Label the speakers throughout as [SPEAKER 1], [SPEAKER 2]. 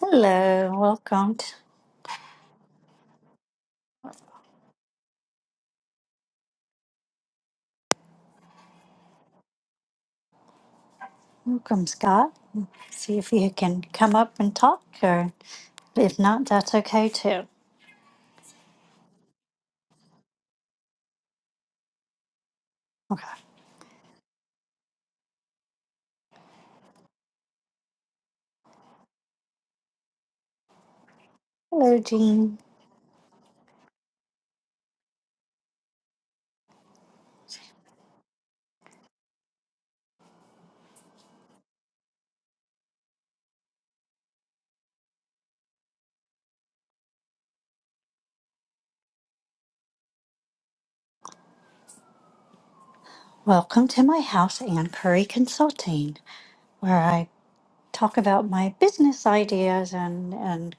[SPEAKER 1] Hello, welcome. t- Welcome, Scott. See if you can come up and talk, or if not, that's okay too. Okay. Hello, Jean. Welcome to my house, Anne Curry Consulting, where I talk about my business ideas, and, and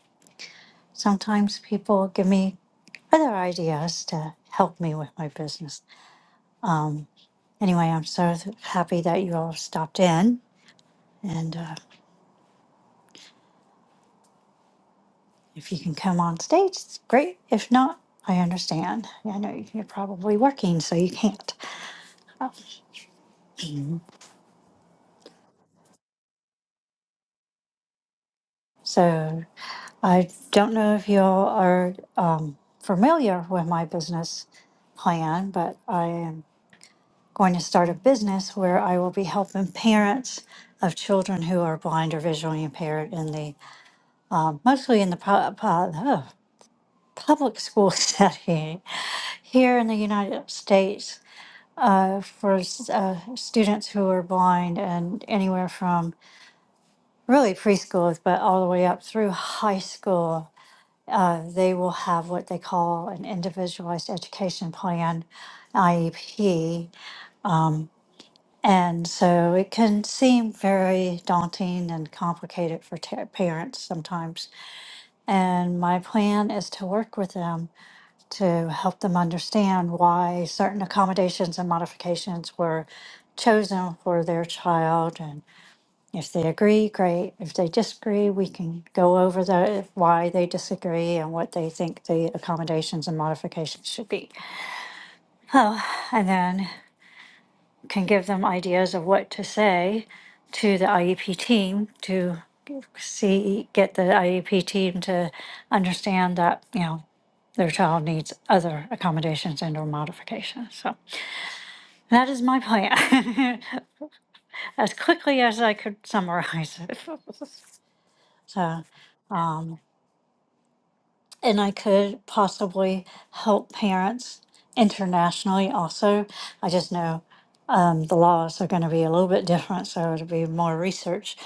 [SPEAKER 1] sometimes people give me other ideas to help me with my business. Anyway, I'm so th- happy that you all stopped in. And uh, If you can come on stage, it's great. If not, I understand. I know you're probably working, so you can't. So I don't know if y'all are um, familiar with my business plan, but I am going to start a business where I will be helping parents of children who are blind or visually impaired in the um, mostly in the pu- pu- ugh, public school setting here in the United States. uh, for s- uh, students who are blind and anywhere from really preschool, but all the way up through high school. Uh, they will have what they call an individualized education plan, IEP. And so it can seem very daunting and complicated for ta parents sometimes. And my plan is to work with them to help them understand why certain accommodations and modifications were chosen for their child. And if they agree, great. If they disagree, we can go over the why they disagree and what they think the accommodations and modifications should be. And then can give them ideas of what to say to the IEP team to see get the IEP team to understand that you know their child needs other accommodations and or modifications. So that is my plan. as quickly as I could summarize it. So and I could possibly help parents internationally also. I just know um, the laws are going to be a little bit different, so it'll be more research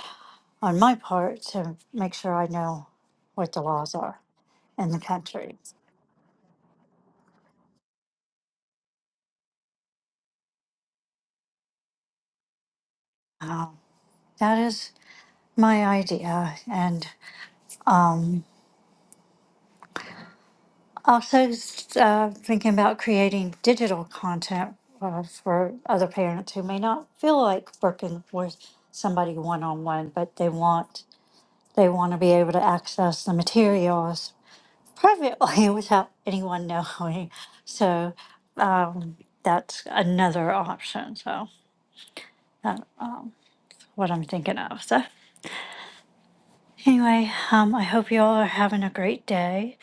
[SPEAKER 1] on my part to make sure I know what the laws are in the country. That is my idea. And um, also uh, thinking about creating digital content uh, for other parents who may not feel like working with somebody one on one, but they want they want to be able to access the materials privately without anyone knowing. So that's another option. So what I'm thinking of. so. Anyway, um, I hope you all are having a great day.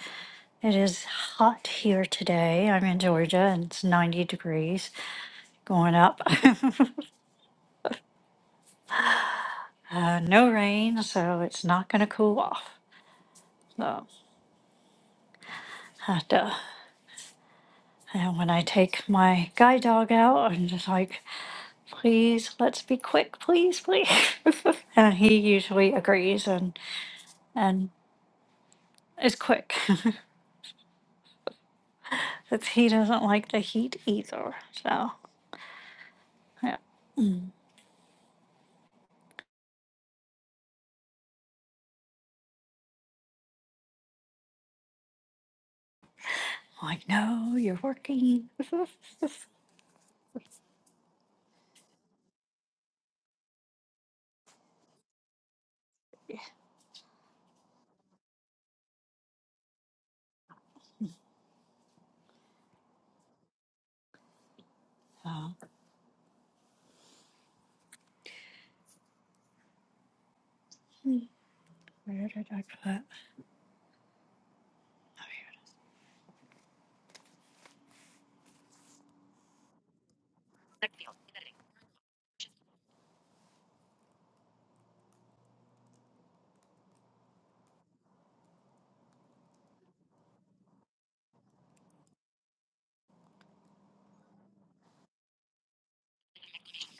[SPEAKER 1] It is hot here today. I'm in Georgia and it's 90 degrees going up. uh, no rain, so it's not going to cool off. So, have to, and when I take my guide dog out, I'm just like, please, let's be quick, please, please. and he usually agrees and, and is quick. 'Cause he doesn't like the heat either. So, yeah. I know you're working. Oh, where did I put?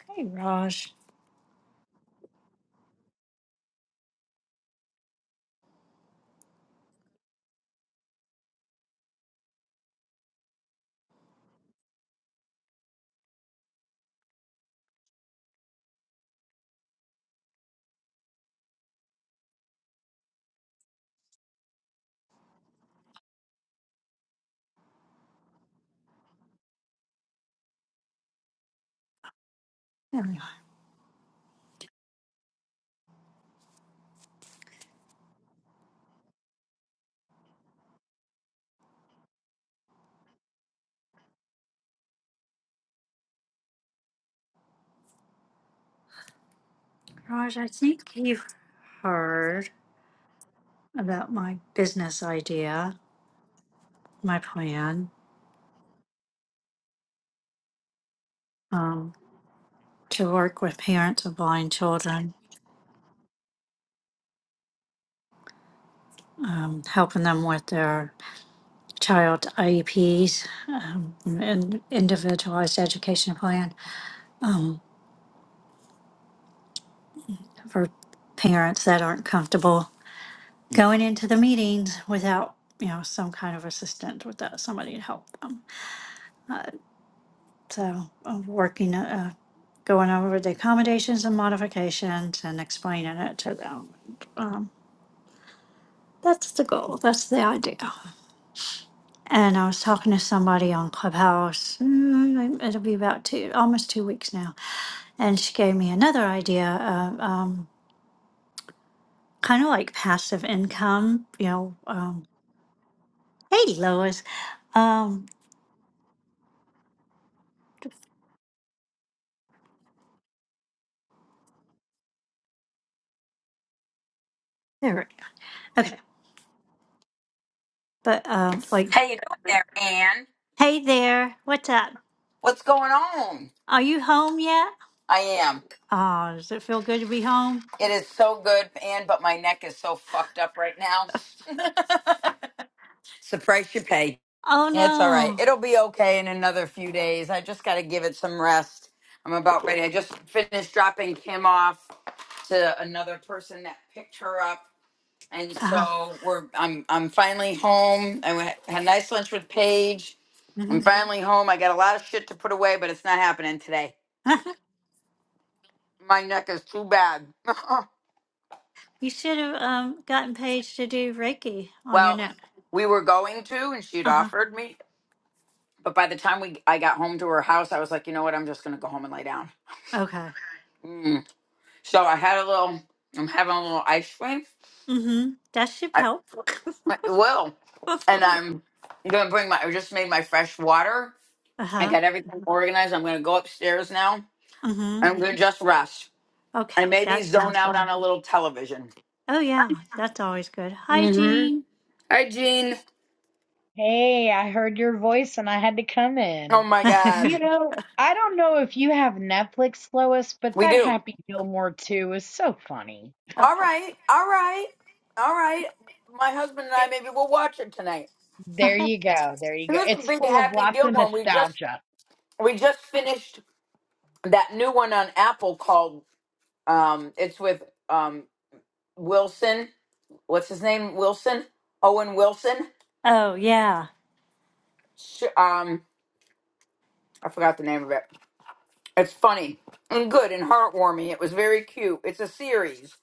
[SPEAKER 1] Hey, Raj. There we are. Raj, I think you've heard about my business idea, my plan um, to work with parents of blind children, um, helping them with their child IEPs um, and individualized education plan for parents that aren't comfortable. going into the meetings without you know some kind of assistant without somebody to help them so uh, working uh, going over the accommodations and modifications and explaining it to them um, that's the goal that's the idea and i was talking to somebody on clubhouse mm, it'll be about two almost two weeks now and she gave me another idea of um, kind of like passive income you know um, hey lois um, there we go. Okay. But um, like,
[SPEAKER 2] How you doing there, Anne?
[SPEAKER 1] hey there, what's up?
[SPEAKER 2] What's going on?
[SPEAKER 1] Are you home yet?
[SPEAKER 2] I am.
[SPEAKER 1] Oh, does it feel good to be home?
[SPEAKER 2] It is so good, Anne, but my neck is so fucked up right now. It's the price you pay.
[SPEAKER 1] Oh
[SPEAKER 2] It's all right.
[SPEAKER 1] no.
[SPEAKER 2] It'll be okay in another few days. I just got to give it some rest. I'm about ready. I just finished dropping Kim off to another person that picked her up, and
[SPEAKER 1] Uh-huh.
[SPEAKER 2] so we're. I'm. I'm finally home. I went, had a nice lunch with Paige. I'm
[SPEAKER 1] hmm
[SPEAKER 2] finally home. I got a lot of shit to put away, but it's not happening today. My neck is too bad.
[SPEAKER 1] you should have um gotten Paige to do Reiki on your
[SPEAKER 2] well,
[SPEAKER 1] neck.
[SPEAKER 2] we were going to, and she'd
[SPEAKER 1] Uh huh.
[SPEAKER 2] offered me, but by the time we I got home to her house, I was like, you know what? I'm just gonna go home and lay down.
[SPEAKER 1] Okay.
[SPEAKER 2] Mm. So I had a little. I'm having a little ice cream.
[SPEAKER 1] Mm-hmm. That should
[SPEAKER 2] I
[SPEAKER 1] help.
[SPEAKER 2] I will,
[SPEAKER 1] uh
[SPEAKER 2] and I'm gonna bring my. I just made my fresh water. I
[SPEAKER 1] huh.
[SPEAKER 2] got everything organized. I'm gonna go upstairs now.
[SPEAKER 1] Mm-hmm.
[SPEAKER 2] I'm gonna just rest
[SPEAKER 1] Okay,
[SPEAKER 2] and maybe
[SPEAKER 1] that
[SPEAKER 2] zone
[SPEAKER 1] sounds
[SPEAKER 2] out
[SPEAKER 1] good.
[SPEAKER 2] on a little television.
[SPEAKER 1] Oh yeah, that's always good.
[SPEAKER 2] hmm
[SPEAKER 1] Hygiene.
[SPEAKER 2] Hi, Jean.
[SPEAKER 3] Hey, I heard your voice and I had to come
[SPEAKER 2] Oh
[SPEAKER 3] in.
[SPEAKER 2] my
[SPEAKER 3] You
[SPEAKER 2] God.
[SPEAKER 3] know, I don't know if you have Netflix, Lois, but
[SPEAKER 2] We
[SPEAKER 3] that
[SPEAKER 2] do.
[SPEAKER 3] Happy Gilmore 2 is so funny.
[SPEAKER 2] All right, all right, all right. My husband and I maybe we'll watch it tonight.
[SPEAKER 3] There you go. There you
[SPEAKER 2] It
[SPEAKER 3] go.
[SPEAKER 2] was a
[SPEAKER 3] It's
[SPEAKER 2] big
[SPEAKER 3] full of
[SPEAKER 2] Happy
[SPEAKER 3] lots of
[SPEAKER 2] Gilmore. We just
[SPEAKER 3] nostalgia.
[SPEAKER 2] we just finished that new one on Apple called um it's with um Wilson. What's his name? Wilson? Owen Wilson.
[SPEAKER 1] oh yeah.
[SPEAKER 2] Sh- Um I forgot the name of it. It's funny and good and heartwarming. It was very cute. It's a series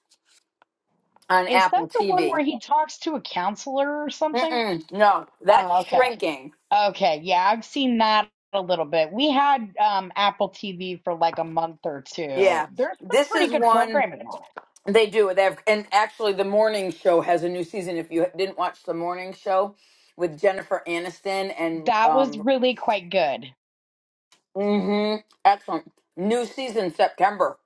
[SPEAKER 2] on
[SPEAKER 3] Is that
[SPEAKER 2] Apple
[SPEAKER 3] the one
[SPEAKER 2] TV.
[SPEAKER 3] where he talks to a counselor or something?
[SPEAKER 2] Mm-mm, no, that's
[SPEAKER 3] Oh, okay.
[SPEAKER 2] shrinking.
[SPEAKER 3] Okay. Yeah, I've seen that a little bit. We had um, Apple TV for like a month or two.
[SPEAKER 2] Yeah.
[SPEAKER 3] There's some
[SPEAKER 2] This
[SPEAKER 3] pretty
[SPEAKER 2] is
[SPEAKER 3] good
[SPEAKER 2] one
[SPEAKER 3] programming.
[SPEAKER 2] They do. They have, and actually, the morning show has a new season. If you didn't watch the morning show with Jennifer Aniston and
[SPEAKER 3] That was
[SPEAKER 2] um,
[SPEAKER 3] really quite good.
[SPEAKER 2] mm-hmm, excellent new season September.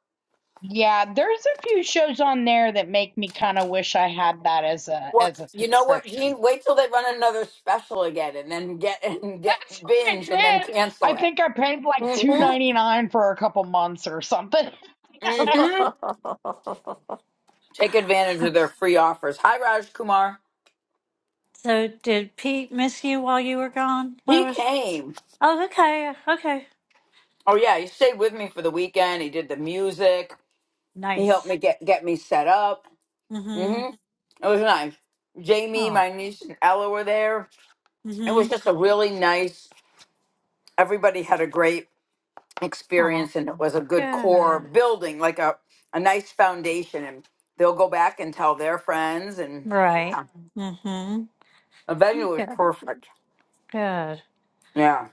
[SPEAKER 3] Yeah, there's a few shows on there that make me kind of wish I had that as a
[SPEAKER 2] Well,
[SPEAKER 3] as a
[SPEAKER 2] you know? What
[SPEAKER 3] subscription.
[SPEAKER 2] Gene? Wait till they run another special again, and then get and get
[SPEAKER 3] That's what I
[SPEAKER 2] binge, and then
[SPEAKER 3] did. I
[SPEAKER 2] cancel it.
[SPEAKER 3] think I paid like two
[SPEAKER 2] Mm-hmm.
[SPEAKER 3] ninety nine for a couple months or something.
[SPEAKER 2] Mm-hmm. Take advantage of their free offers. Hi, Raj Kumar.
[SPEAKER 1] So did Pete miss you while you were gone,
[SPEAKER 2] He
[SPEAKER 1] Lois?
[SPEAKER 2] came.
[SPEAKER 1] Oh, okay, okay.
[SPEAKER 2] Oh yeah, he stayed with me for the weekend. He did the music. He helped me
[SPEAKER 1] Nice.
[SPEAKER 2] get get me set up
[SPEAKER 1] Mm-hmm.
[SPEAKER 2] Mm-hmm. It was nice. Jamie,
[SPEAKER 1] Oh,
[SPEAKER 2] my niece, and Ella were there. It
[SPEAKER 1] Mm-hmm.
[SPEAKER 2] was just a really nice. Everybody had a great
[SPEAKER 1] oh,
[SPEAKER 2] experience, and it was a good core
[SPEAKER 1] good.
[SPEAKER 2] building, like a a nice foundation. And they'll go back and tell their friends, and
[SPEAKER 1] Right.
[SPEAKER 2] yeah,
[SPEAKER 1] Mm-hmm.
[SPEAKER 2] the venue was
[SPEAKER 1] Good,
[SPEAKER 2] perfect.
[SPEAKER 1] good.
[SPEAKER 2] Yeah,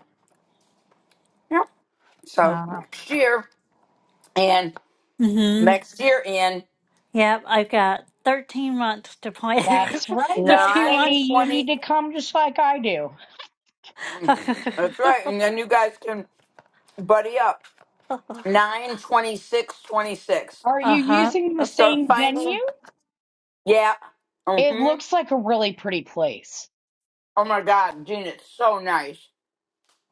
[SPEAKER 2] yep. So
[SPEAKER 1] Uh,
[SPEAKER 2] next year, and
[SPEAKER 1] Mm-hmm.
[SPEAKER 2] next year in
[SPEAKER 1] yep, I've got 13 months to plan.
[SPEAKER 3] That's right, young
[SPEAKER 1] 13
[SPEAKER 2] nine
[SPEAKER 3] lady.
[SPEAKER 1] months.
[SPEAKER 3] You need
[SPEAKER 2] twenty.
[SPEAKER 3] to come just like I do.
[SPEAKER 2] Mm, That's right, and then you guys can buddy up. Nine twenty six twenty six.
[SPEAKER 3] Are you
[SPEAKER 1] uh-huh.
[SPEAKER 3] using the
[SPEAKER 2] Start
[SPEAKER 3] same
[SPEAKER 2] finding.
[SPEAKER 3] venue?
[SPEAKER 2] Yeah.
[SPEAKER 3] It
[SPEAKER 2] Mm-hmm.
[SPEAKER 3] looks like a really pretty place.
[SPEAKER 2] Oh my God, Gene, it's so nice.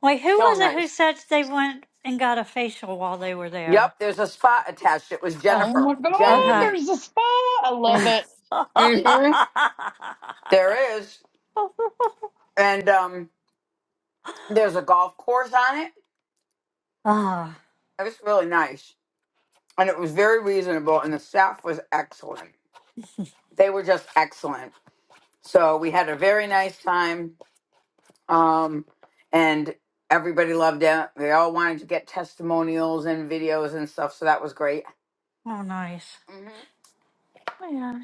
[SPEAKER 1] Wait, who
[SPEAKER 2] So
[SPEAKER 1] was it who
[SPEAKER 2] nice.
[SPEAKER 1] said they went and got a facial while they were there?
[SPEAKER 2] Yep, there's a spot attached. It was
[SPEAKER 1] Ugh,
[SPEAKER 3] Oh
[SPEAKER 2] Jennifer.
[SPEAKER 3] my god,
[SPEAKER 2] Jen
[SPEAKER 1] okay.
[SPEAKER 2] went.
[SPEAKER 3] there's a spa. I love it.
[SPEAKER 2] Mm-hmm. There is. And um there's a golf course on it.
[SPEAKER 1] Ah,
[SPEAKER 2] It was really nice. And it was very reasonable and the staff was excellent. They were just excellent. So we had a very nice time. Um and everybody loved it. They all wanted to get testimonials and videos and stuff, so that was great.
[SPEAKER 1] oh, nice.
[SPEAKER 2] Mm-hmm.
[SPEAKER 1] Yeah.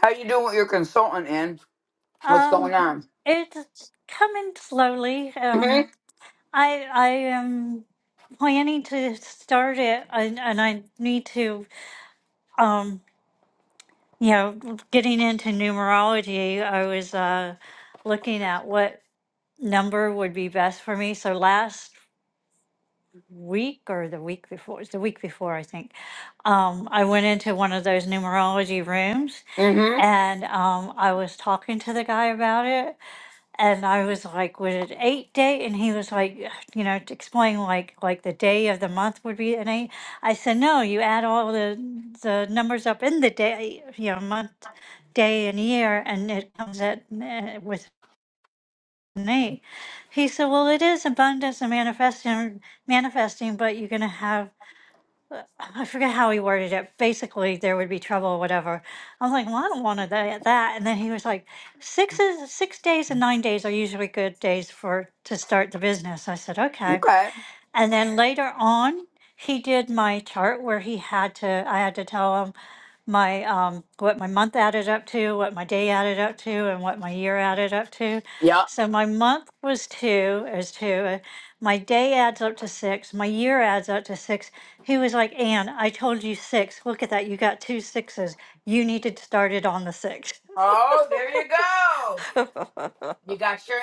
[SPEAKER 2] How you doing with your consultant, in? What's going
[SPEAKER 1] Um,
[SPEAKER 2] on?
[SPEAKER 1] it's coming slowly.
[SPEAKER 2] Mm-hmm.
[SPEAKER 1] Um, I I am planning to start it, and, and I need to, um, you know, getting into numerology. I was uh, looking at what number would be best for me. So last week or the week before, it was the week before, I think, um, I went into one of those numerology rooms,
[SPEAKER 2] Mm-hmm.
[SPEAKER 1] and um, I was talking to the guy about it and I was like, "Was it eight day?" And he was like, "You know, to explain like like the day of the month would be an eight. I said, "No, you add all the the numbers up in the day, you know, month, day, and year, and it comes at uh, with an eight. He said, "Well, it is abundance and manifesting, manifesting, but you're gonna have." I forget how he worded it. Basically, there would be trouble or whatever. I was like, well, I don't want to that. that." And then he was like, six is six days and nine days are usually good days for to start the business. I said, okay.
[SPEAKER 2] Okay.
[SPEAKER 1] And then later on, he did my chart where he had to. I had to tell him my um, what my month added up to, what my day added up to, and what my year added up to.
[SPEAKER 2] Yep.
[SPEAKER 1] So my month was two, is two. My day adds up to six. My year adds up to six. He was like, Ann, I told you six. Look at that. You got two sixes. You needed to start it on the six.
[SPEAKER 2] Oh, there you go. You got your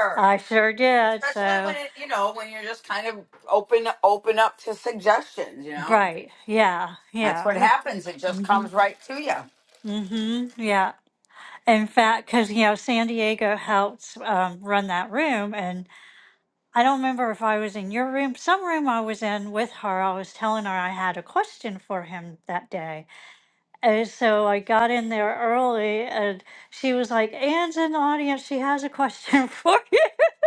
[SPEAKER 1] I sure did.
[SPEAKER 2] Especially
[SPEAKER 1] So,
[SPEAKER 2] when it, you know, when you're just kind of open, open up to suggestions. You know,
[SPEAKER 1] right. Yeah.
[SPEAKER 2] that's what
[SPEAKER 1] Yeah.
[SPEAKER 2] happens. It just
[SPEAKER 1] Mm-hmm.
[SPEAKER 2] comes right to you.
[SPEAKER 1] Mm-hmm. Yeah. In fact, because, you know, San Diego helps um, run that room. And I don't remember if I was in your room, some room I was in with her. I was telling her I had a question for him that day And so I got in there early, and she was like, Anne's in the audience. She has a question for you.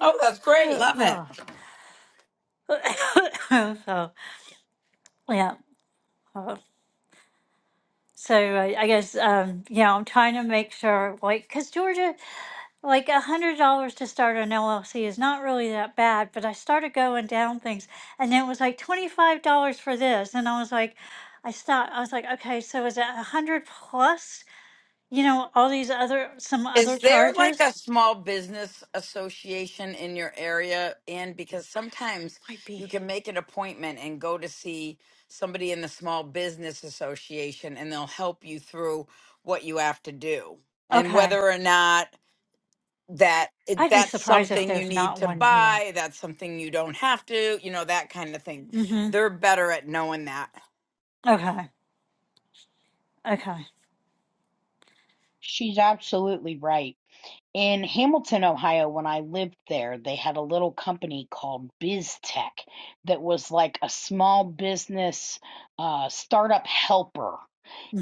[SPEAKER 2] Oh, that's great. Love it.
[SPEAKER 1] Ah. so, yeah. uh, So I, I guess, um, yeah, I'm trying to make sure, like, because Georgia, like a hundred dollars to start an LLC is not really that bad, but I started going down things and then it was like twenty five dollars for this and I was like I stopped I was like, okay, so is it a hundred plus, you know, all these other some other
[SPEAKER 2] Is there like
[SPEAKER 1] charges?
[SPEAKER 2] a small business association in your area? And because sometimes
[SPEAKER 1] Might
[SPEAKER 2] you
[SPEAKER 1] be.
[SPEAKER 2] can make an appointment and go to see somebody in the small business association and they'll help you through what you have to do and
[SPEAKER 1] Okay.
[SPEAKER 2] whether or not that it-
[SPEAKER 1] I'd be
[SPEAKER 2] that's
[SPEAKER 1] surprised if
[SPEAKER 2] something you
[SPEAKER 1] there's
[SPEAKER 2] need
[SPEAKER 1] not
[SPEAKER 2] to
[SPEAKER 1] one here.
[SPEAKER 2] buy, that's something you don't have to, you know, that kind of thing.
[SPEAKER 1] Mm-hmm.
[SPEAKER 2] They're better at knowing that.
[SPEAKER 1] Okay. Okay.
[SPEAKER 3] She's absolutely right. In Hamilton, Ohio, when I lived there, they had a little company called BizTech that was like a small business uh, startup helper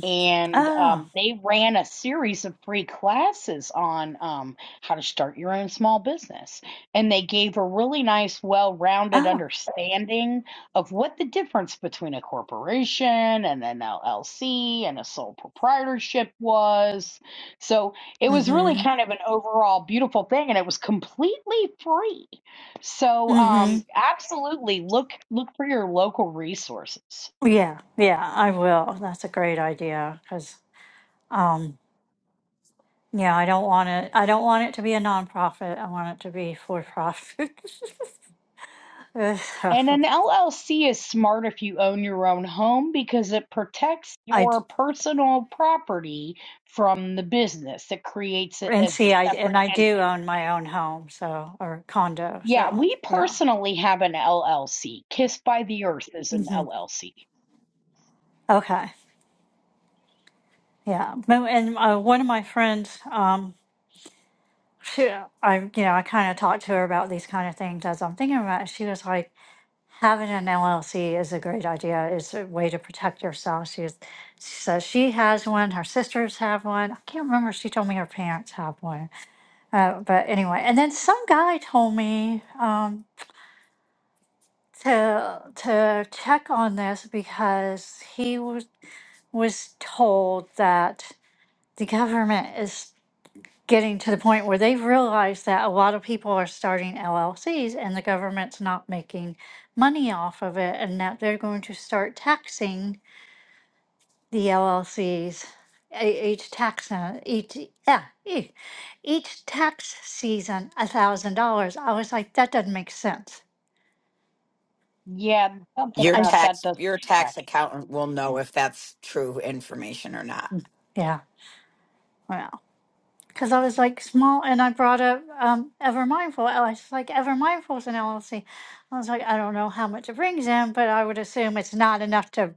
[SPEAKER 3] and
[SPEAKER 1] Oh.
[SPEAKER 3] um, they ran a series of free classes on um, how to start your own small business. And they gave a really nice, well rounded
[SPEAKER 1] Oh.
[SPEAKER 3] understanding of what the difference between a corporation and an LLC and a sole proprietorship was. So it was really
[SPEAKER 1] Mm-hmm.
[SPEAKER 3] kind of an overall beautiful thing, and it was completely free. So um,
[SPEAKER 1] Mm-hmm.
[SPEAKER 3] absolutely look look for your local resources.
[SPEAKER 1] Yeah, yeah, I will. That's a great idea because, um, yeah, I don't want it. I don't want it to be a nonprofit. I want it to be for profit.
[SPEAKER 3] And
[SPEAKER 1] So,
[SPEAKER 3] an LLC is smart if you own your own home because it protects
[SPEAKER 1] I d-
[SPEAKER 3] your personal property from the business. It creates it
[SPEAKER 1] and
[SPEAKER 3] as a
[SPEAKER 1] see, I and
[SPEAKER 3] separate
[SPEAKER 1] I
[SPEAKER 3] and
[SPEAKER 1] do own my own home, so or condo.
[SPEAKER 3] yeah,
[SPEAKER 1] So
[SPEAKER 3] we
[SPEAKER 1] yeah,
[SPEAKER 3] personally have an LLC. Kiss by the Earth is an
[SPEAKER 1] hmm
[SPEAKER 3] LLC.
[SPEAKER 1] okay, yeah. Mo- And uh, one of my friends, Um. She, I, you know, I kind of talked to her about these kind of things as I'm thinking about it. She was like, having an LLC is a great idea. It's a way to protect yourself. She, was, she says she has one. Her sisters have one. I can't remember. She told me her parents have one. Uh, but anyway, and then some guy told me um, to to check on this because he was was told that the government is. getting to the point where they've realized that a lot of people are starting LLCs and the government's not making money off of it, and that they're going to start taxing the LLCs. e- Each tax uh, each yeah, e- each tax season a thousand dollars. I was like, that doesn't make sense.
[SPEAKER 3] Yeah, something
[SPEAKER 2] Your
[SPEAKER 1] I
[SPEAKER 3] about
[SPEAKER 1] s-
[SPEAKER 3] that
[SPEAKER 2] tax
[SPEAKER 3] doesn't
[SPEAKER 2] your
[SPEAKER 3] track.
[SPEAKER 2] tax accountant will know if that's true information or not.
[SPEAKER 1] yeah. well. because I was like small, and I brought up um, Ever Mindful. I was like, Ever Mindful is an LLC. I was like, I don't know how much it brings in, but I would assume it's not enough to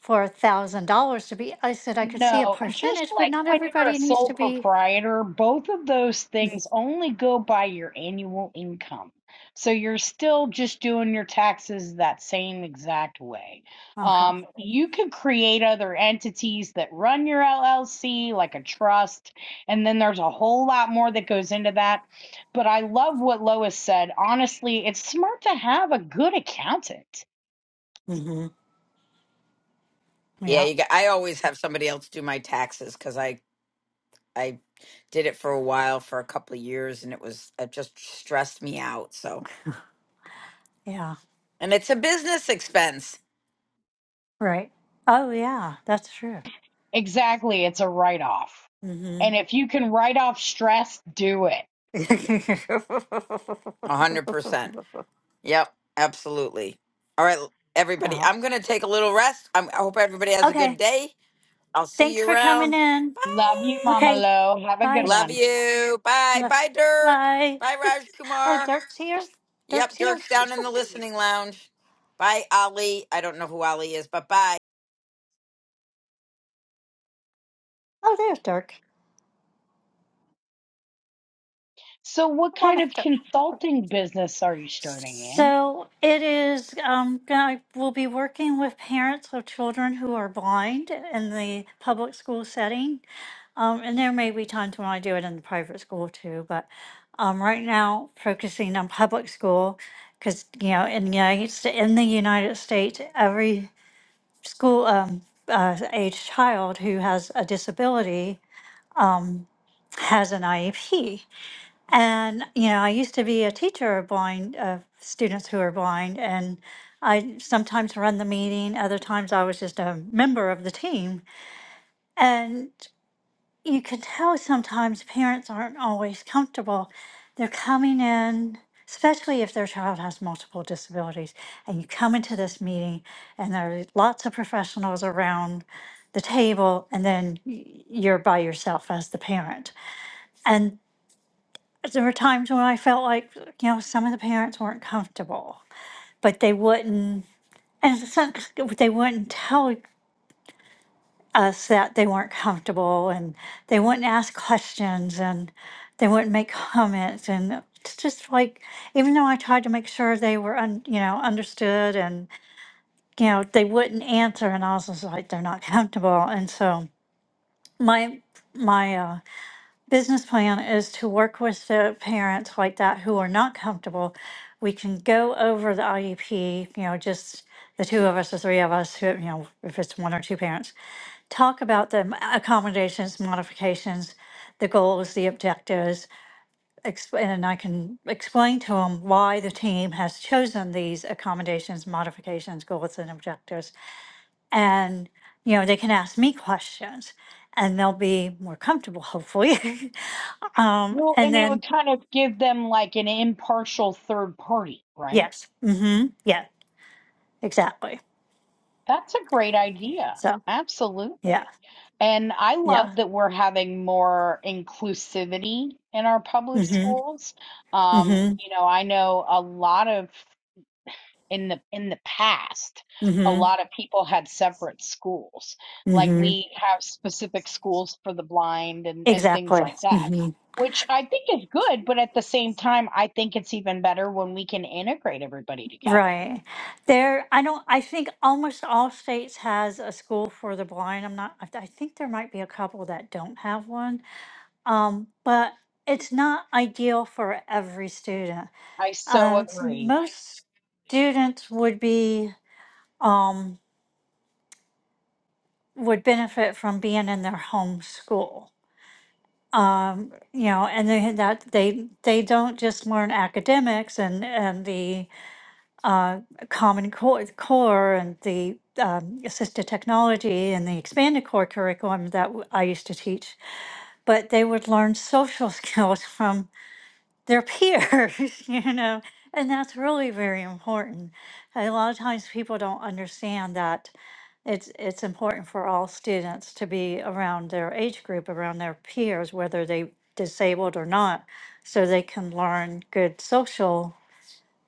[SPEAKER 1] for a thousand dollars to be. I said I could see a
[SPEAKER 3] No, just
[SPEAKER 1] percentage, but
[SPEAKER 3] like
[SPEAKER 1] not
[SPEAKER 3] when you're a
[SPEAKER 1] everybody needs
[SPEAKER 3] sole
[SPEAKER 1] to be.
[SPEAKER 3] proprietor, both of those things only go by your annual income. So you're still just doing your taxes that same exact way.
[SPEAKER 1] Okay.
[SPEAKER 3] Um, you could create other entities that run your LLC, like a trust, and then there's a whole lot more that goes into that. But I love what Lois said. Honestly, it's smart to have a good accountant.
[SPEAKER 1] hmm
[SPEAKER 2] Yeah,
[SPEAKER 1] Yeah.
[SPEAKER 2] you got, I always have somebody else do my taxes because I I did it for a while for a couple of years and it was it just stressed me out. So
[SPEAKER 1] Yeah.
[SPEAKER 2] and it's a business expense,
[SPEAKER 1] Right. Oh yeah, that's true.
[SPEAKER 3] Exactly. It's a write off.
[SPEAKER 1] hmm
[SPEAKER 3] And if you can write off stress, do it.
[SPEAKER 2] a hundred percent. Yep, absolutely. All right, l- everybody,
[SPEAKER 1] Uh,
[SPEAKER 2] I'm gonna take a little rest. I'm, I hope everybody has a good
[SPEAKER 1] okay.
[SPEAKER 2] day. I'll see
[SPEAKER 1] Thanks
[SPEAKER 2] you
[SPEAKER 1] for coming
[SPEAKER 2] around.
[SPEAKER 1] in.
[SPEAKER 3] Love you, Mama
[SPEAKER 2] Bye.
[SPEAKER 1] Okay.
[SPEAKER 3] Lo. Have a good
[SPEAKER 1] Bye.
[SPEAKER 2] Love
[SPEAKER 3] one.
[SPEAKER 2] you. Bye.
[SPEAKER 1] Hello.
[SPEAKER 2] Bye, Dirk.
[SPEAKER 1] Bye.
[SPEAKER 2] Bye, Raj
[SPEAKER 1] Oh,
[SPEAKER 2] Kumar.
[SPEAKER 1] Dirk's here. Dirk's
[SPEAKER 2] Yep,
[SPEAKER 1] here.
[SPEAKER 2] Dirk's down in the listening lounge. Bye, Ali. I don't know who Ali is, but bye.
[SPEAKER 1] Oh, there's Dirk.
[SPEAKER 3] So, what
[SPEAKER 1] Come on
[SPEAKER 3] kind
[SPEAKER 1] up,
[SPEAKER 3] of
[SPEAKER 1] Dirk.
[SPEAKER 3] consulting business are you starting in?
[SPEAKER 1] So it is. Um, I will be working with parents of children who are blind in the public school setting, um, and there may be times when I do it in the private school too. But um, right now, focusing on public school because you know in the United Sta- in the United States, every school um, uh, age child who has a disability has an IEP. And, you know, I used to be a teacher of blind, of students who are blind, and I sometimes run the meeting, other times I was just a member of the team. And you can tell sometimes parents aren't always comfortable. They're coming in, especially if their child has multiple disabilities, and you come into this meeting and there are lots of professionals around the table, and then y- you're by yourself as the parent. and there were times when I felt like you know some of the parents weren't comfortable, but they wouldn't, and some, they wouldn't tell us that they weren't comfortable, and they wouldn't ask questions, and they wouldn't make comments, and it's just like even though I tried to make sure they were un, you know understood, and you know they wouldn't answer, and I was just like they're not comfortable, and so my my. Uh, business plan is to work with the parents like that who are not comfortable. We can go over the IEP, you know, just the two of us, the three of us, who, you know, if it's one or two parents, talk about the m- accommodations, modifications, the goals, the objectives, exp- and I can explain to them why the team has chosen these accommodations, modifications, goals, and objectives and you know they can ask me questions and they'll be more comfortable hopefully um
[SPEAKER 3] Well,
[SPEAKER 1] and
[SPEAKER 3] and it would
[SPEAKER 1] then
[SPEAKER 3] kind of give them like an impartial third party, right?
[SPEAKER 1] yes mm-hmm yeah exactly
[SPEAKER 3] That's a great idea.
[SPEAKER 1] so yeah
[SPEAKER 3] Absolutely. And I
[SPEAKER 1] yeah
[SPEAKER 3] love that we're having more inclusivity in our public
[SPEAKER 1] mm-hmm
[SPEAKER 3] schools. Um,
[SPEAKER 1] mm-hmm
[SPEAKER 3] you know, I know a lot of in the in the past a
[SPEAKER 1] mm-hmm
[SPEAKER 3] lot of people had separate schools like
[SPEAKER 1] mm-hmm
[SPEAKER 3] we have specific schools for the blind and and things
[SPEAKER 1] exactly
[SPEAKER 3] like that
[SPEAKER 1] mm-hmm
[SPEAKER 3] which i think is good but at the same time i think it's even better when we can integrate everybody together
[SPEAKER 1] right there i don't i think almost all states has a school for the blind i'm not i I think there might be a couple that don't have one um but it's not ideal for every student
[SPEAKER 3] i so
[SPEAKER 1] Uh, s-
[SPEAKER 3] agree
[SPEAKER 1] most students would be um, would benefit from being in their home school. Um, you know, and they, that they they don't just learn academics and and the uh, common core, core and the um, assisted technology and the expanded core curriculum that w- I used to teach, but they would learn social skills from their peers, you know, and that's really very important. A lot of times people don't understand that it's it's important for all students to be around their age group, around their peers, whether they disabled or not, so they can learn good social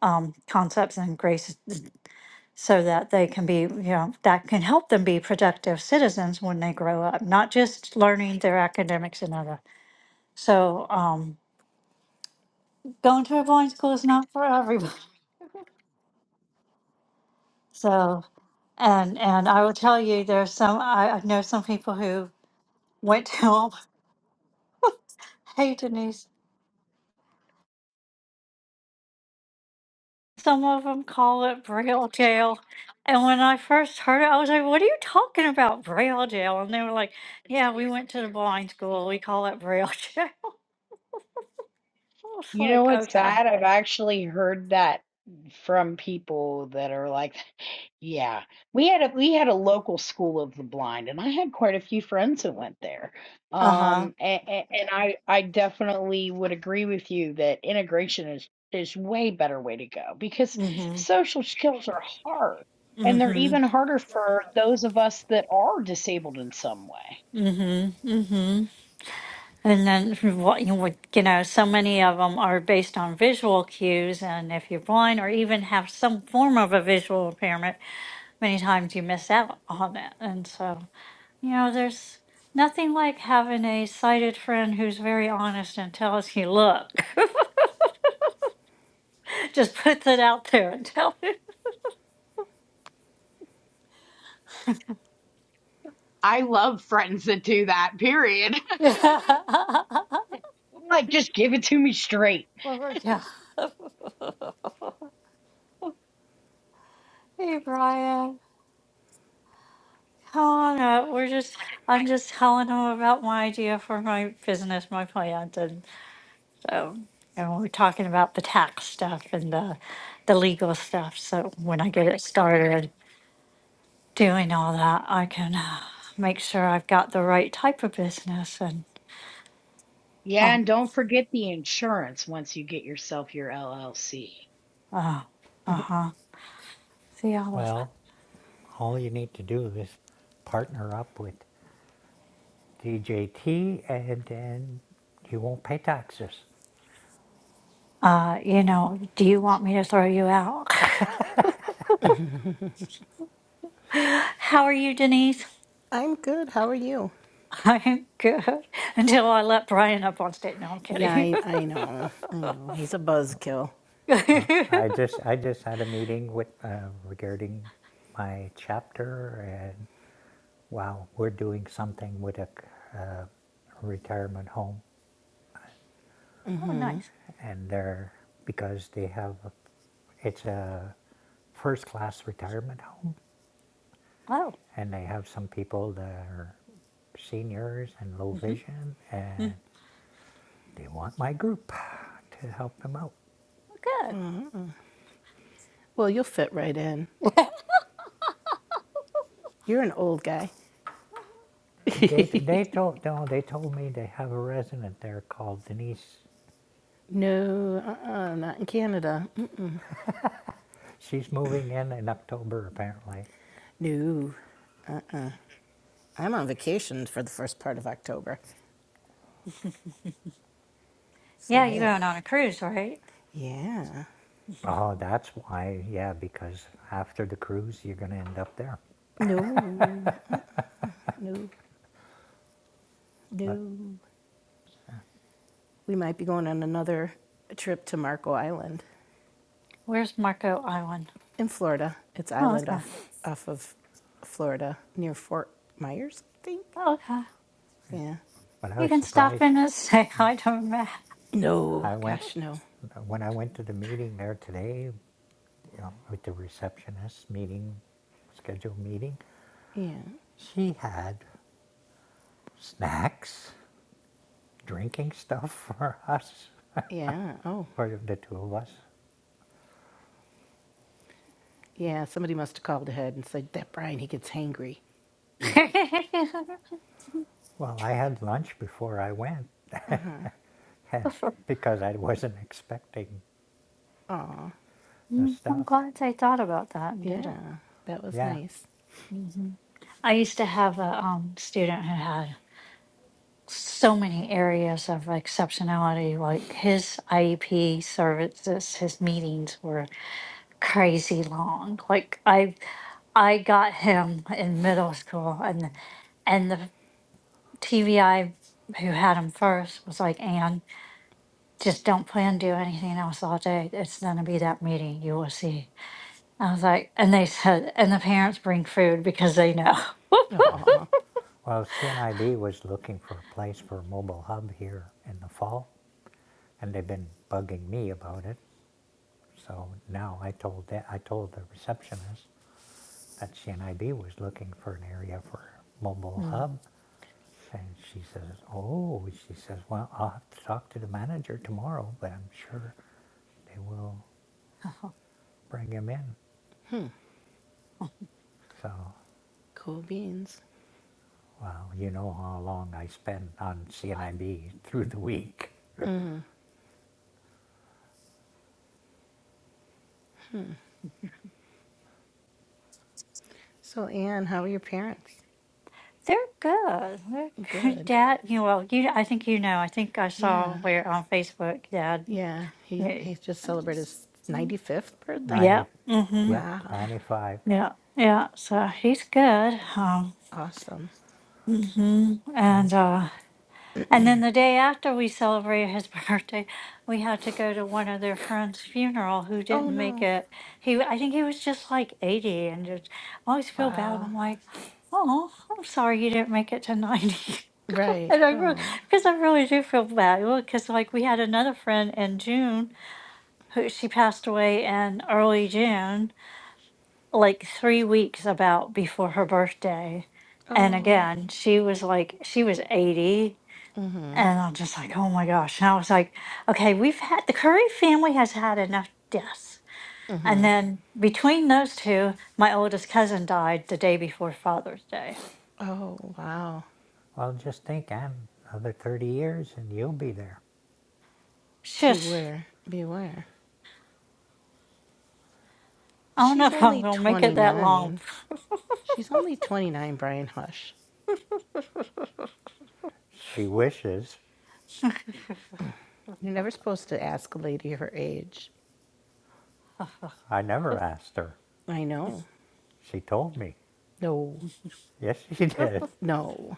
[SPEAKER 1] um, concepts and graces, so that they can be, you know, that can help them be productive citizens when they grow up, not just learning their academics and other. So um, going to a blind school is not for everybody. So, and and I will tell you, there's some I, I know some people who went to them. Hey, Denise, some of them call it Braille jail. And when I first heard it, I was like, "What are you talking about, Braille jail?" And they were like, "Yeah, we went to the blind school. We call it Braille jail." I was
[SPEAKER 3] You know
[SPEAKER 1] like,
[SPEAKER 3] what's
[SPEAKER 1] "Okay,
[SPEAKER 3] sad? I've actually heard that from people that are like, yeah, we had a we had a local school of the blind, and I had quite a few friends that went there.
[SPEAKER 1] uh huh,
[SPEAKER 3] Um, and, and I I definitely would agree with you that integration is is way better way to go because
[SPEAKER 1] mhm,
[SPEAKER 3] social skills are hard, and they're even
[SPEAKER 1] mhm,
[SPEAKER 3] harder for those of us that are disabled in some way.
[SPEAKER 1] mhm, mhm." And then what you would, you know, so many of them are based on visual cues, and if you're blind or even have some form of a visual impairment, many times you miss out on it. And so, you know, there's nothing like having a sighted friend who's very honest and tells you, "Look, just puts it out there and tell you."
[SPEAKER 3] I love friends that do that, period.
[SPEAKER 1] Yeah.
[SPEAKER 3] I'm like, just give it to me straight.
[SPEAKER 1] Well, we're- yeah. hey, Brian. Helen, uh, we're just, I'm just telling him about my idea for my business, my plant, and so, and we're talking about the tax stuff and the, the legal stuff. So when I get it started doing all that, I can uh, make sure I've got the right type of business and,
[SPEAKER 3] Yeah,
[SPEAKER 1] oh,
[SPEAKER 3] and don't forget the insurance once you get yourself your LLC.
[SPEAKER 1] uh, uh-huh. See all this.
[SPEAKER 4] Well, all you need to do is partner up with DJT, and then you won't pay taxes.
[SPEAKER 1] Uh, you know, do you want me to throw you out? How are you, Denise?
[SPEAKER 5] I'm good. How are you?
[SPEAKER 1] I'm good. Until I let Brian up on stage. No, I'm
[SPEAKER 5] Yeah,
[SPEAKER 1] kidding.
[SPEAKER 5] I, I know. I know. He's a buzzkill.
[SPEAKER 1] oh,
[SPEAKER 4] I just I just had a meeting with uh, regarding my chapter, and wow, we're doing something with a uh, retirement home,
[SPEAKER 1] nice.
[SPEAKER 4] and they're because they have a, it's a first class retirement home,
[SPEAKER 1] Oh,
[SPEAKER 4] and they have some people that are seniors and low
[SPEAKER 1] hmm
[SPEAKER 4] vision,
[SPEAKER 1] hmm
[SPEAKER 4] and They want my group to help them out.
[SPEAKER 1] well,
[SPEAKER 5] Well, you'll fit right in.
[SPEAKER 1] good.
[SPEAKER 5] You're an old guy.
[SPEAKER 4] They, they told, no, they told me they have a resident there called Denise.
[SPEAKER 5] No, uh-uh, not in Canada. Mm,
[SPEAKER 4] She's moving in in October, apparently.
[SPEAKER 5] No. I'm on vacation for the first part of October. So
[SPEAKER 1] Yeah, you're going
[SPEAKER 5] there.
[SPEAKER 1] on a cruise, right?
[SPEAKER 5] Yeah.
[SPEAKER 4] Oh, that's why, yeah, because after the cruise, you're going to end up there.
[SPEAKER 5] No, no,
[SPEAKER 4] But,
[SPEAKER 5] no. We might be going on another trip to Marco Island
[SPEAKER 1] Where's Marco Island?
[SPEAKER 5] in Florida. It's
[SPEAKER 1] Oh,
[SPEAKER 5] island
[SPEAKER 1] okay.
[SPEAKER 5] off off of Florida near Fort Myers, I think.
[SPEAKER 1] Oh, okay.
[SPEAKER 5] Yeah.
[SPEAKER 4] but I
[SPEAKER 1] You
[SPEAKER 4] was
[SPEAKER 1] can stop
[SPEAKER 4] surprised.
[SPEAKER 1] in and say hi to Matt.
[SPEAKER 5] No,
[SPEAKER 4] I went,
[SPEAKER 5] gosh, no.
[SPEAKER 4] when I went to the meeting there today, you know, with the receptionist meeting, scheduled meeting,
[SPEAKER 5] Yeah,
[SPEAKER 4] she had snacks, drinking stuff for us,
[SPEAKER 5] yeah. Oh,
[SPEAKER 4] for the two of us.
[SPEAKER 5] yeah. Somebody must have called ahead and said that Brian he gets hangry.
[SPEAKER 4] Well, I had lunch before I went, and because I wasn't expecting
[SPEAKER 5] Aw,
[SPEAKER 4] the
[SPEAKER 1] I'm
[SPEAKER 4] stuff.
[SPEAKER 1] glad they thought about that and did
[SPEAKER 5] yeah.
[SPEAKER 1] it.
[SPEAKER 5] That was
[SPEAKER 4] Yeah.
[SPEAKER 5] nice.
[SPEAKER 1] hmm I used to have a um, student who had so many areas of exceptionality. Like his IEP services, his meetings were crazy long. Like I, I got him in middle school, and and the TVI who had him first was like, "Ann, just don't plan to do anything else all day. It's gonna be that meeting. You will see." I was like, and they said, and the parents bring food because they know.
[SPEAKER 5] Aw,
[SPEAKER 4] Well, CNIB was looking for a place for a mobile hub here in the fall, and they've been bugging me about it. So now I told the, I told the receptionist that CNIB was looking for an area for a mobile hub, and she says, "Oh," she says, "Well, I'll have to talk to the manager tomorrow, but I'm sure they will bring him in." So
[SPEAKER 5] cool beans.
[SPEAKER 4] Well, you know how long I spend on CNIB through the week.
[SPEAKER 5] So, Anne, how are your parents?
[SPEAKER 1] They're good. They're good.
[SPEAKER 5] Good.
[SPEAKER 1] Dad, you know, well, you, I think you know. I think I saw
[SPEAKER 5] Yeah,
[SPEAKER 1] where on Facebook, Dad.
[SPEAKER 5] yeah. He
[SPEAKER 1] Yeah.
[SPEAKER 5] he just celebrated his ninety fifth birthday.
[SPEAKER 4] 90,
[SPEAKER 1] Yeah. Mm-hmm.
[SPEAKER 4] yep,
[SPEAKER 5] Wow,
[SPEAKER 4] 95.
[SPEAKER 1] Yeah. Yeah. So he's good. Um,
[SPEAKER 5] awesome.
[SPEAKER 1] mm hmm
[SPEAKER 4] And
[SPEAKER 1] And, uh, And then the day after we celebrated his birthday, we had to go to one of their friends' funeral who
[SPEAKER 5] Oh
[SPEAKER 1] didn't make
[SPEAKER 5] no.
[SPEAKER 1] it. He, I think he was just like eighty, and just I always feel bad.
[SPEAKER 5] Wow.
[SPEAKER 1] I'm like, oh, I'm sorry you didn't make it to ninety.
[SPEAKER 5] Right.
[SPEAKER 1] and I really,
[SPEAKER 5] Oh.
[SPEAKER 1] because I really do feel bad. Because like we had another friend in June who she passed away in early June, like three weeks about before her birthday. And
[SPEAKER 5] Oh.
[SPEAKER 1] again, she was like, she was 80 and I'm just like, oh my gosh. And I was like, okay, we've had the Curry family has had enough deaths. And then between those two, my oldest cousin died the day before Father's Day.
[SPEAKER 5] Oh. Wow.
[SPEAKER 4] well, just think, Anne, another 30 years and you'll be there.
[SPEAKER 1] It's just,
[SPEAKER 5] Beware. Beware.
[SPEAKER 1] I don't know
[SPEAKER 5] She's
[SPEAKER 1] if I'm
[SPEAKER 5] only
[SPEAKER 1] going to make it that long.
[SPEAKER 5] 29. She's only 29, Brian Hush.
[SPEAKER 4] She wishes.
[SPEAKER 5] You're never supposed to ask a lady her age.
[SPEAKER 4] I never asked her.
[SPEAKER 5] I know.
[SPEAKER 4] She told me.
[SPEAKER 5] No.
[SPEAKER 4] Yes, she did.
[SPEAKER 5] No.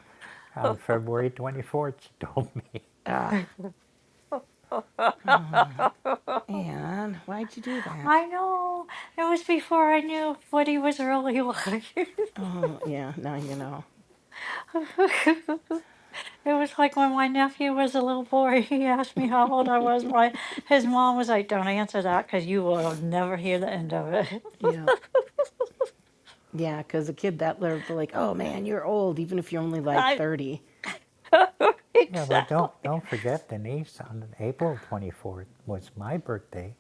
[SPEAKER 4] On February 24th, she told me.
[SPEAKER 5] Ah, and why'd you do that?
[SPEAKER 1] I know. It was before I knew what he was really like.
[SPEAKER 5] Oh, yeah, now you know.
[SPEAKER 1] It was like when my nephew was a little boy, he asked me how old I was. My his mom was like, "Don't answer that, because you will never hear the end of it."
[SPEAKER 5] Yeah. Yeah, 'cause a kid that they're like, oh man, you're old, even if you're only like
[SPEAKER 1] I
[SPEAKER 5] 30.
[SPEAKER 4] Yeah, but don't
[SPEAKER 1] exactly.
[SPEAKER 4] don't forget Denise. On April twenty fourth was my birthday,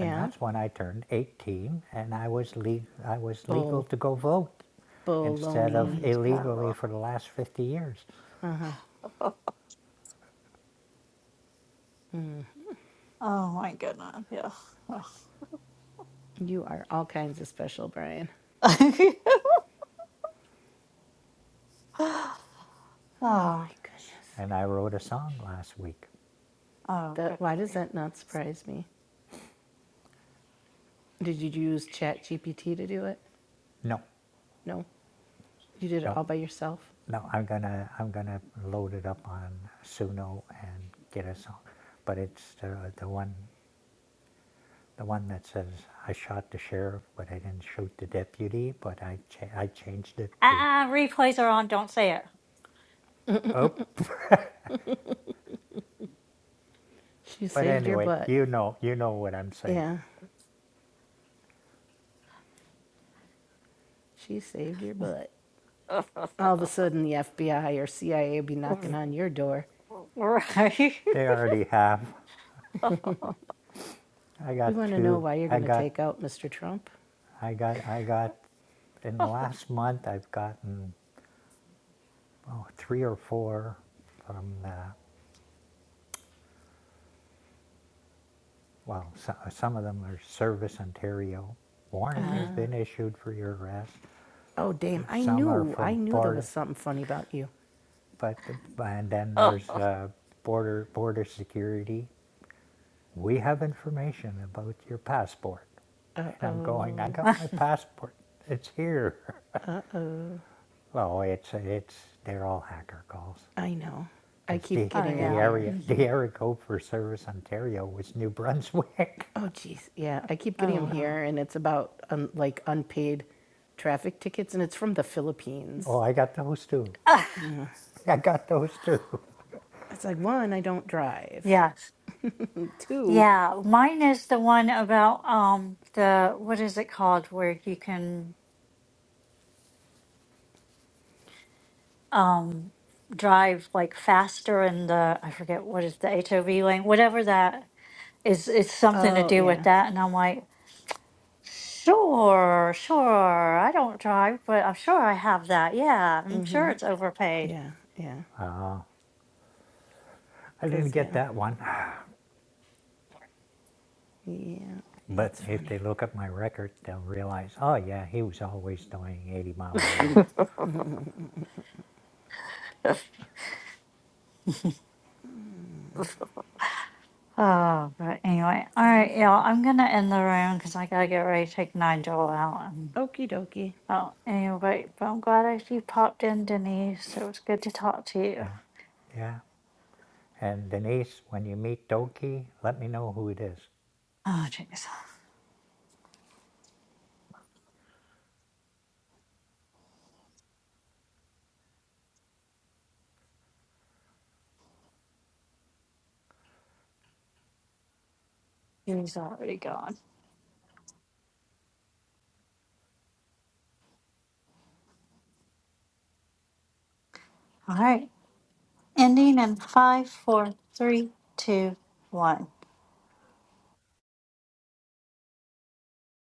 [SPEAKER 4] and that's when I turned eighteen, and I was le- I was legal
[SPEAKER 5] Bull.
[SPEAKER 4] to go vote instead of
[SPEAKER 5] Baloney.
[SPEAKER 1] Mm.
[SPEAKER 4] illegally
[SPEAKER 1] Oh
[SPEAKER 4] for the last fifty years.
[SPEAKER 1] God. oh my goodness! Yeah. oh,
[SPEAKER 5] You are all kinds of special, Brian. Oh
[SPEAKER 1] oh, oh,
[SPEAKER 5] my goodness.
[SPEAKER 4] And I wrote a song last week.
[SPEAKER 1] good
[SPEAKER 5] That, why does
[SPEAKER 1] grief!
[SPEAKER 5] that not surprise me? Did you use Chat GPT to do it?
[SPEAKER 4] No,
[SPEAKER 5] No. You did it
[SPEAKER 4] no,
[SPEAKER 5] all by yourself?
[SPEAKER 4] no. I'm gonna I'm gonna load it up on Suno and get a song, but it's the the one the one that says I shot the sheriff, but I didn't shoot the deputy. But I cha- I changed it to
[SPEAKER 1] Ah, uh replays are on. Don't say it.
[SPEAKER 4] Oh,
[SPEAKER 5] She
[SPEAKER 4] but
[SPEAKER 5] saved your
[SPEAKER 4] anyway,
[SPEAKER 5] butt.
[SPEAKER 4] you know, you know what I'm saying.
[SPEAKER 5] Yeah, she saved your butt.
[SPEAKER 1] right.
[SPEAKER 5] All of a sudden, the FBI or CIA will be knocking on your door.
[SPEAKER 4] They already have. I
[SPEAKER 5] We
[SPEAKER 4] got
[SPEAKER 5] want to know
[SPEAKER 4] two.
[SPEAKER 5] why you're
[SPEAKER 4] I
[SPEAKER 5] going to
[SPEAKER 4] got,
[SPEAKER 5] take out Mr. Trump.
[SPEAKER 4] I got, I got. In the last month, I've gotten oh, three or four from the. Well, so, some of them are Service Ontario. Warrant has
[SPEAKER 1] hmm
[SPEAKER 4] been issued for your arrest.
[SPEAKER 5] Oh, damn. I
[SPEAKER 4] Some are
[SPEAKER 5] knew.
[SPEAKER 4] for
[SPEAKER 5] I knew there was
[SPEAKER 4] border,
[SPEAKER 5] something funny about you.
[SPEAKER 4] but and then
[SPEAKER 1] Oh
[SPEAKER 4] there's uh, border border security. we have information about your passport.
[SPEAKER 5] Uh
[SPEAKER 4] And I'm going, I
[SPEAKER 5] oh.
[SPEAKER 4] got my passport. It's here. Oh, it's, it's, they're all hacker calls.
[SPEAKER 5] I know. I
[SPEAKER 4] Because
[SPEAKER 5] keep
[SPEAKER 4] the,
[SPEAKER 5] getting
[SPEAKER 4] the
[SPEAKER 5] them
[SPEAKER 1] yeah.
[SPEAKER 5] here.
[SPEAKER 4] area, the
[SPEAKER 1] hmm
[SPEAKER 4] area code for Service Ontario was New Brunswick.
[SPEAKER 5] Oh, jeez. Yeah, I keep getting
[SPEAKER 1] Oh
[SPEAKER 5] them
[SPEAKER 1] wow.
[SPEAKER 5] here, and it's about um, like unpaid traffic tickets, and it's from the Philippines.
[SPEAKER 4] Oh, I got those too.
[SPEAKER 1] Ah,
[SPEAKER 4] I got those too.
[SPEAKER 5] It's like one, I don't drive.
[SPEAKER 1] yes.
[SPEAKER 5] Two,
[SPEAKER 1] Yeah, mine is the one about um the what is it called where you can um drive like faster in the I forget what is the HOV lane, whatever that is it's something to
[SPEAKER 5] oh
[SPEAKER 1] do with
[SPEAKER 5] yeah,
[SPEAKER 1] that and I'm like, sure, sure. I don't drive, but I'm sure I have that. Yeah, I'm sure
[SPEAKER 5] mm-hmm,
[SPEAKER 1] it's overpaid.
[SPEAKER 5] yeah, yeah,
[SPEAKER 4] Uh, I didn't
[SPEAKER 5] cause
[SPEAKER 4] get
[SPEAKER 5] yeah,
[SPEAKER 4] that one.
[SPEAKER 5] yeah.
[SPEAKER 4] But
[SPEAKER 5] That's
[SPEAKER 4] if they
[SPEAKER 5] funny.
[SPEAKER 4] look at my record, they'll realize, oh yeah, he was always doing 80 miles an hour.
[SPEAKER 1] Oh, but anyway, all
[SPEAKER 5] Fun,
[SPEAKER 1] right, y'all,
[SPEAKER 5] fun.
[SPEAKER 1] I'm gonna end the room because I gotta get ready to take Nigel out.
[SPEAKER 5] Okie dokie.
[SPEAKER 1] Oh, anyway, but I'm glad I you popped in, Denise. It was good to talk to you.
[SPEAKER 4] Yeah, yeah. And Denise, when you meet Doki, let me know who it is.
[SPEAKER 1] Oh, jeez. He's already gone. All right. Ending in five, four, three, two, one.